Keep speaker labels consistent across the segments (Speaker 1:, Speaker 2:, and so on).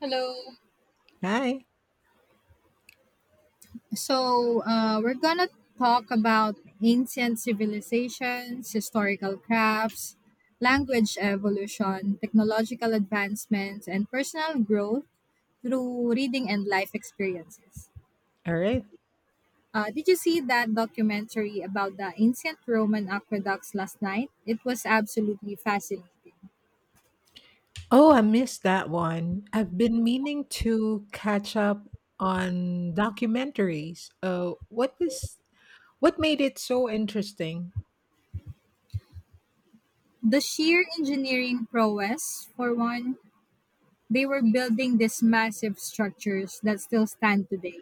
Speaker 1: Hello.
Speaker 2: Hi.
Speaker 1: So, we're gonna talk about ancient civilizations, historical crafts, language evolution, technological advancements, and personal growth through reading and life experiences.
Speaker 2: All right.
Speaker 1: Did you see that documentary about the ancient Roman aqueducts last night? It was absolutely fascinating.
Speaker 2: Oh, I missed that one. I've been meaning to catch up on documentaries. What is what made it so interesting?
Speaker 1: The sheer engineering prowess, for one, they were building these massive structures that still stand today,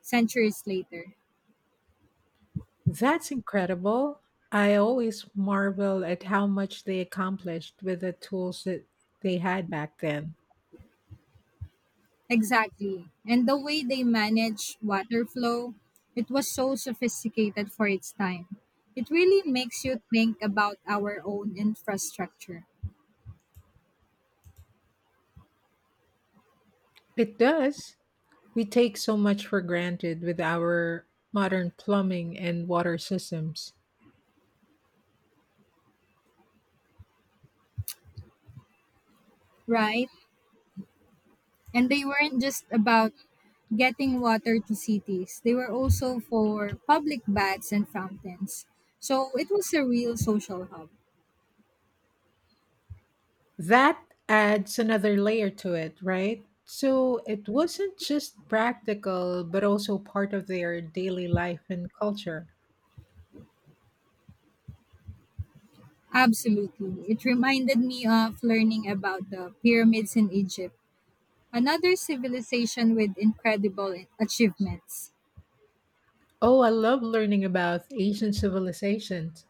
Speaker 1: centuries later.
Speaker 2: That's incredible. I always marvel at how much they accomplished with the tools that they had back then.
Speaker 1: Exactly. And the way they managed water flow, it was so sophisticated for its time. It really makes you think about our own infrastructure,
Speaker 2: It does. We take so much for granted with our modern plumbing and water systems.
Speaker 1: right? And they weren't just about getting water to cities, they were also for public baths and fountains. So it was a real social hub.
Speaker 2: That adds another layer to it, right? So it wasn't just practical, but also part of their daily life and culture.
Speaker 1: Absolutely. It reminded me of learning about the pyramids in Egypt, another civilization with incredible achievements,
Speaker 2: Oh, I love learning about Asian civilizations.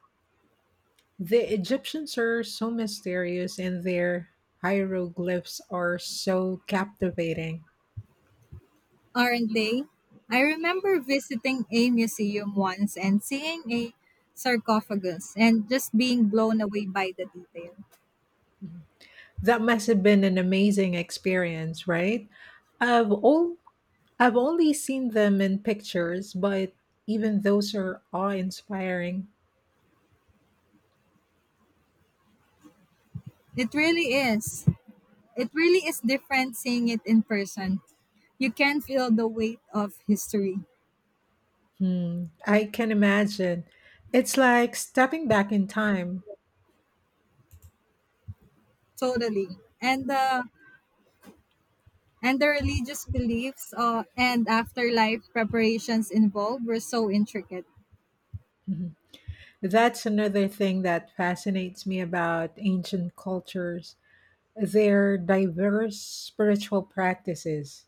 Speaker 2: The Egyptians are so mysterious and their hieroglyphs are so captivating.
Speaker 1: aren't they? I remember visiting a museum once and seeing a sarcophagus and just being blown away by the detail.
Speaker 2: That must have been an amazing experience, right? I've all I've only seen them in pictures, but even those are awe-inspiring.
Speaker 1: It really is. It really is different seeing it in person, you can feel the weight of history
Speaker 2: Hmm, I can imagine. It's like stepping back in time.
Speaker 1: totally and the religious beliefs and afterlife preparations involved were so intricate.
Speaker 2: Mhm. That's another thing that fascinates me about ancient cultures, their diverse spiritual practices.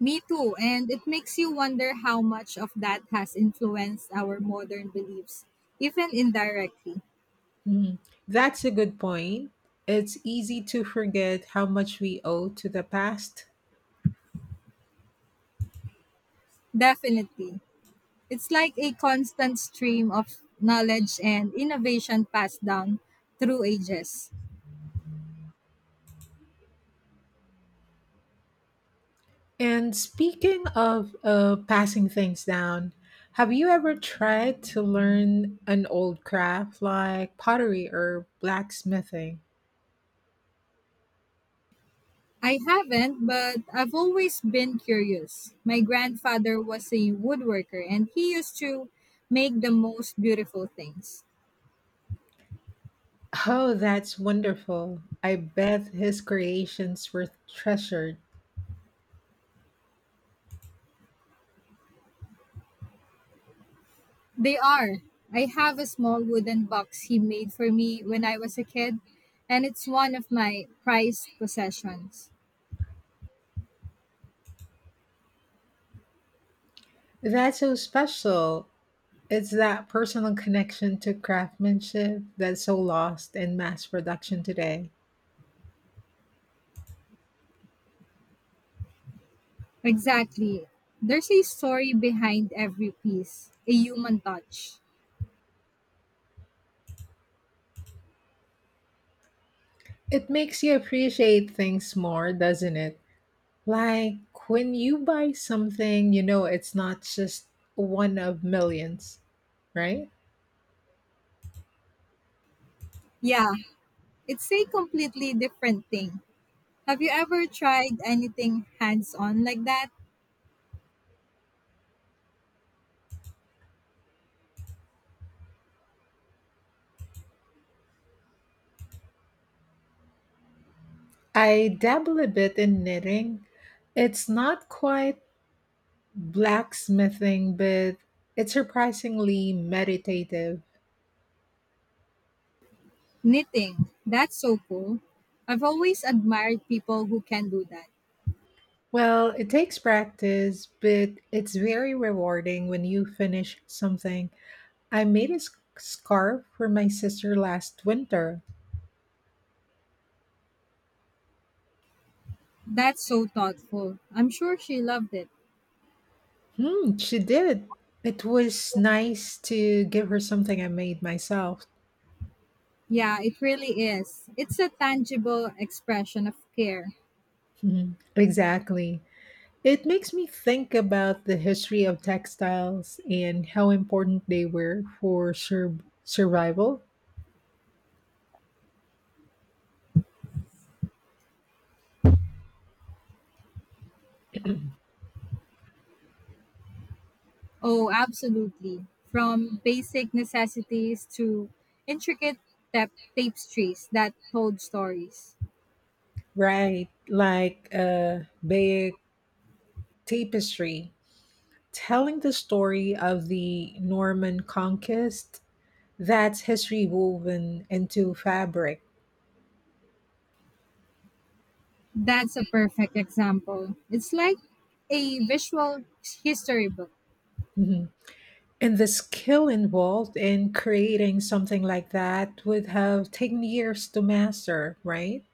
Speaker 1: Me too, and it makes you wonder how much of that has influenced our modern beliefs, even indirectly.
Speaker 2: Mhm. That's a good point. It's easy to forget how much we owe to the past.
Speaker 1: Definitely. It's like a constant stream of knowledge and innovation passed down through ages.
Speaker 2: And speaking of passing things down, have you ever tried to learn an old craft like pottery or blacksmithing?
Speaker 1: I haven't, but I've always been curious. My grandfather was a woodworker and he used to make the most beautiful things.
Speaker 2: Oh, that's wonderful. I bet his creations were treasured.
Speaker 1: They are. I have a small wooden box he made for me when I was a kid, and it's one of my prized possessions.
Speaker 2: That's so special. It's that personal connection to craftsmanship that's so lost in mass production today.
Speaker 1: Exactly. There's a story behind every piece, a human touch.
Speaker 2: It makes you appreciate things more, doesn't it? Like when you buy something, you know it's not just one of millions, right?
Speaker 1: Yeah, it's a completely different thing. Have you ever tried anything hands on like that?
Speaker 2: I dabble a bit in knitting. It's not quite blacksmithing, but it's surprisingly meditative.
Speaker 1: Knitting. That's so cool. I've always admired people who can do that.
Speaker 2: Well, it takes practice, but it's very rewarding when you finish something. I made a scarf for my sister last winter.
Speaker 1: That's so thoughtful. I'm sure she loved it.
Speaker 2: Hmm, she did. It was nice to give her something I made myself.
Speaker 1: Yeah, it really is. It's a tangible expression of care.
Speaker 2: Mhm. Exactly. It makes me think about the history of textiles and how important they were for survival.
Speaker 1: Oh, absolutely. From basic necessities to intricate tapestries that told stories.
Speaker 2: Right, like a big tapestry telling the story of the Norman conquest. That's history woven into fabric.
Speaker 1: That's a perfect example. It's like a visual history book.
Speaker 2: Mhm. And the skill involved in creating something like that would have taken years to master, right?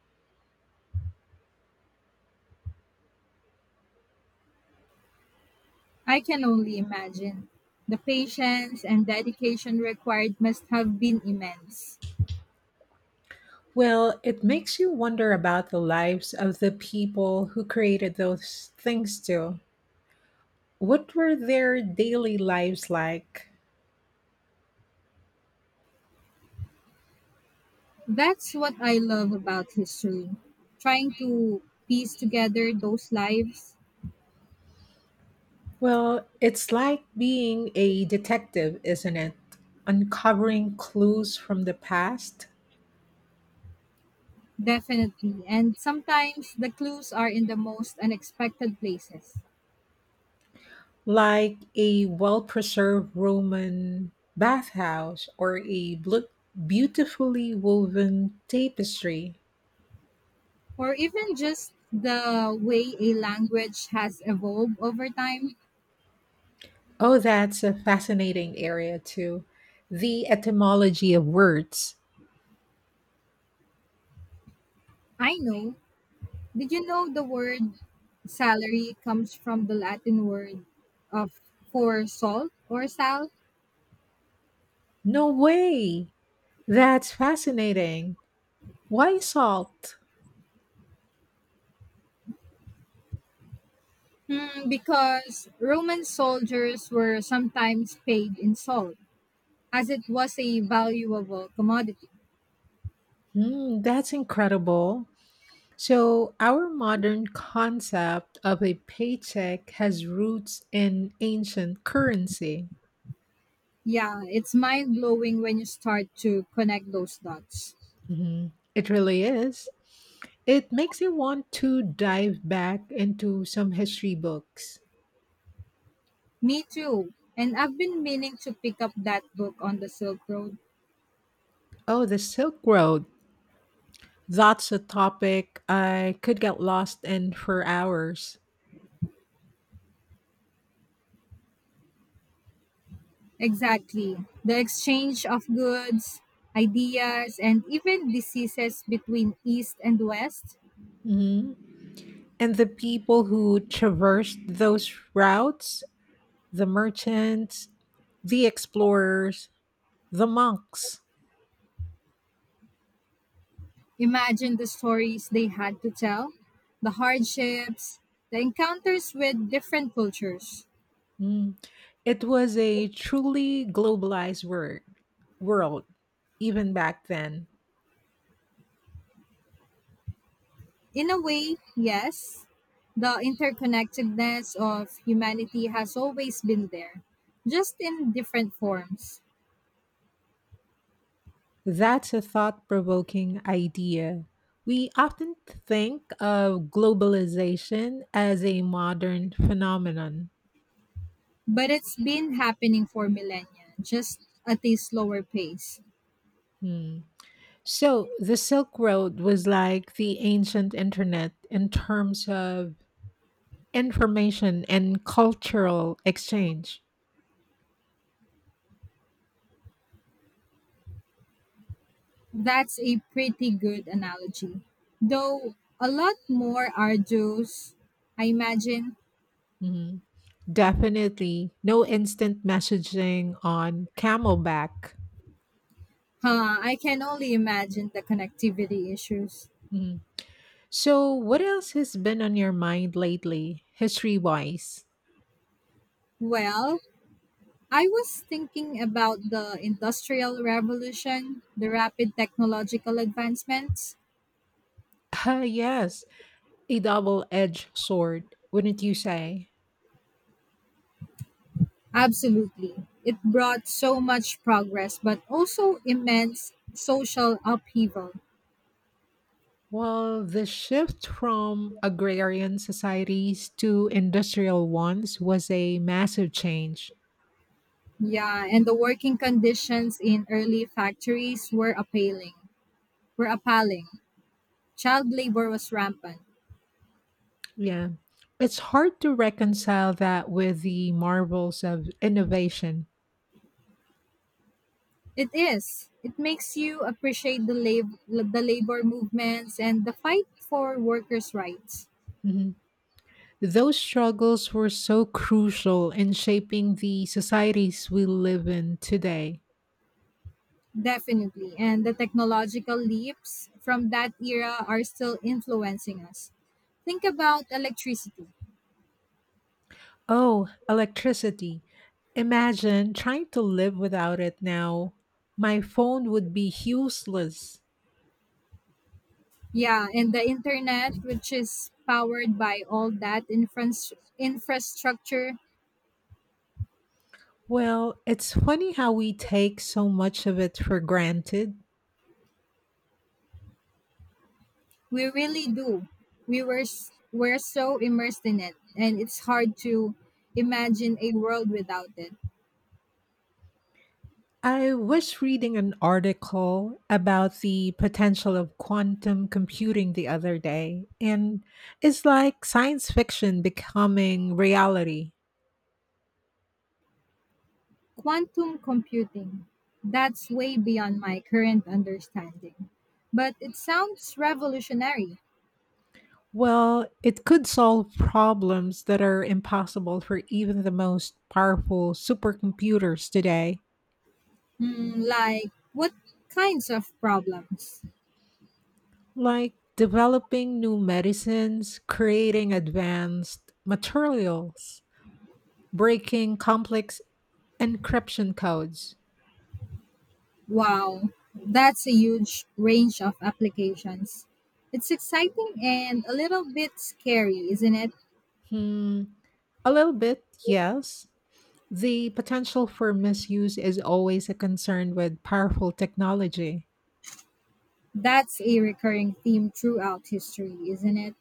Speaker 1: I can only imagine. The patience and dedication required must have been immense.
Speaker 2: Well, it makes you wonder about the lives of the people who created those things too. What were their daily lives like?
Speaker 1: That's what I love about history. Trying to piece together those lives.
Speaker 2: Well, it's like being a detective, isn't it? Uncovering clues from the past,
Speaker 1: Definitely. And sometimes the clues are in the most unexpected places,
Speaker 2: like a well preserved Roman bathhouse or a beautifully woven tapestry.
Speaker 1: or even just the way a language has evolved over time.
Speaker 2: Oh, that's a fascinating area, too. The etymology of words.
Speaker 1: I know. Did you know the word salary comes from the Latin word of for salt or sal?
Speaker 2: No way! That's fascinating. Why salt?
Speaker 1: Hmm, because Roman soldiers were sometimes paid in salt, as it was a valuable commodity.
Speaker 2: Hmm, that's incredible. So, our modern concept of a paycheck has roots in ancient currency.
Speaker 1: Yeah, it's mind blowing when you start to connect those dots.
Speaker 2: Mhm. It really is. It makes you want to dive back into some history books.
Speaker 1: Me too. And I've been meaning to pick up that book on the Silk Road.
Speaker 2: Oh, the Silk Road. That's a topic I could get lost in for hours.
Speaker 1: Exactly. The exchange of goods, ideas, and even diseases between East and West.
Speaker 2: Mhm. And the people who traversed those routes, the merchants, the explorers, the monks.
Speaker 1: Imagine the stories they had to tell, the hardships, the encounters with different cultures.
Speaker 2: Mm. It was a truly globalized world, even back then.
Speaker 1: In a way, yes, the interconnectedness of humanity has always been there, just in different forms.
Speaker 2: That's a thought provoking idea. We often think of globalization as a modern phenomenon.
Speaker 1: But it's been happening for millennia, just at a slower pace.
Speaker 2: Hmm. So the Silk Road was like the ancient internet in terms of information and cultural exchange.
Speaker 1: That's a pretty good analogy. Though a lot more arduous, I imagine.
Speaker 2: Mhm. Definitely. No instant messaging on Camelback.
Speaker 1: Huh, I can only imagine the connectivity issues.
Speaker 2: Mhm. So, what else has been on your mind lately, history wise?
Speaker 1: Well, I was thinking about the Industrial Revolution, the rapid technological advancements.
Speaker 2: Ah, yes, a double edged sword, wouldn't you say?
Speaker 1: Absolutely. It brought so much progress, but also immense social upheaval.
Speaker 2: Well, the shift from agrarian societies to industrial ones was a massive change.
Speaker 1: Yeah, and the working conditions in early factories were appalling. Were appalling. Child labor was rampant.
Speaker 2: Yeah. It's hard to reconcile that with the marvels of innovation.
Speaker 1: It is. It makes you appreciate the the labor movements and the fight for workers' rights.
Speaker 2: Those struggles were so crucial in shaping the societies we live in today.
Speaker 1: Definitely. And the technological leaps from that era are still influencing us. Think about electricity.
Speaker 2: Oh, electricity. Imagine trying to live without it now. My phone would be useless.
Speaker 1: Yeah, and the internet, which is powered by all that infrastructure.
Speaker 2: Well, it's funny how we take so much of it for granted.
Speaker 1: We really do. We're so immersed in it, and it's hard to imagine a world without it.
Speaker 2: I was reading an article about the potential of quantum computing the other day, and it's like science fiction becoming reality.
Speaker 1: Quantum computing. That's way beyond my current understanding. But it sounds revolutionary.
Speaker 2: Well, it could solve problems that are impossible for even the most powerful supercomputers today,
Speaker 1: Hmm, like what kinds of problems?
Speaker 2: like developing new medicines, creating advanced materials, breaking complex encryption codes.
Speaker 1: Wow, that's a huge range of applications. It's exciting and a little bit scary, isn't it?
Speaker 2: Hmm, a little bit, yes. The potential for misuse is always a concern with powerful technology.
Speaker 1: That's a recurring theme throughout history, isn't it?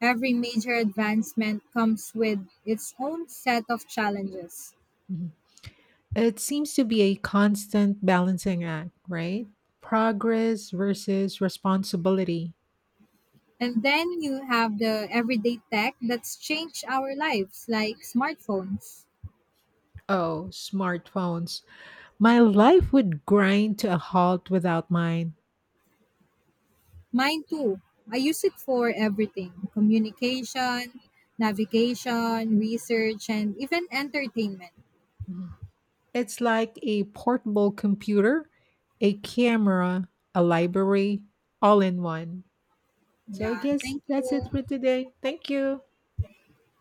Speaker 1: Every major advancement comes with its own set of challenges.
Speaker 2: Hmm. It seems to be a constant balancing act, right? Progress versus responsibility.
Speaker 1: And then you have the everyday tech that's changed our lives, like smartphones.
Speaker 2: Oh, smartphones. My life would grind to a halt without mine.
Speaker 1: Mine too. I use it for everything communication, navigation, research, and even entertainment.
Speaker 2: It's like a portable computer, a camera, a library, all in one. So I
Speaker 1: Yeah,
Speaker 2: guess
Speaker 1: thank
Speaker 2: that's it
Speaker 1: you.
Speaker 2: for today. Thank you.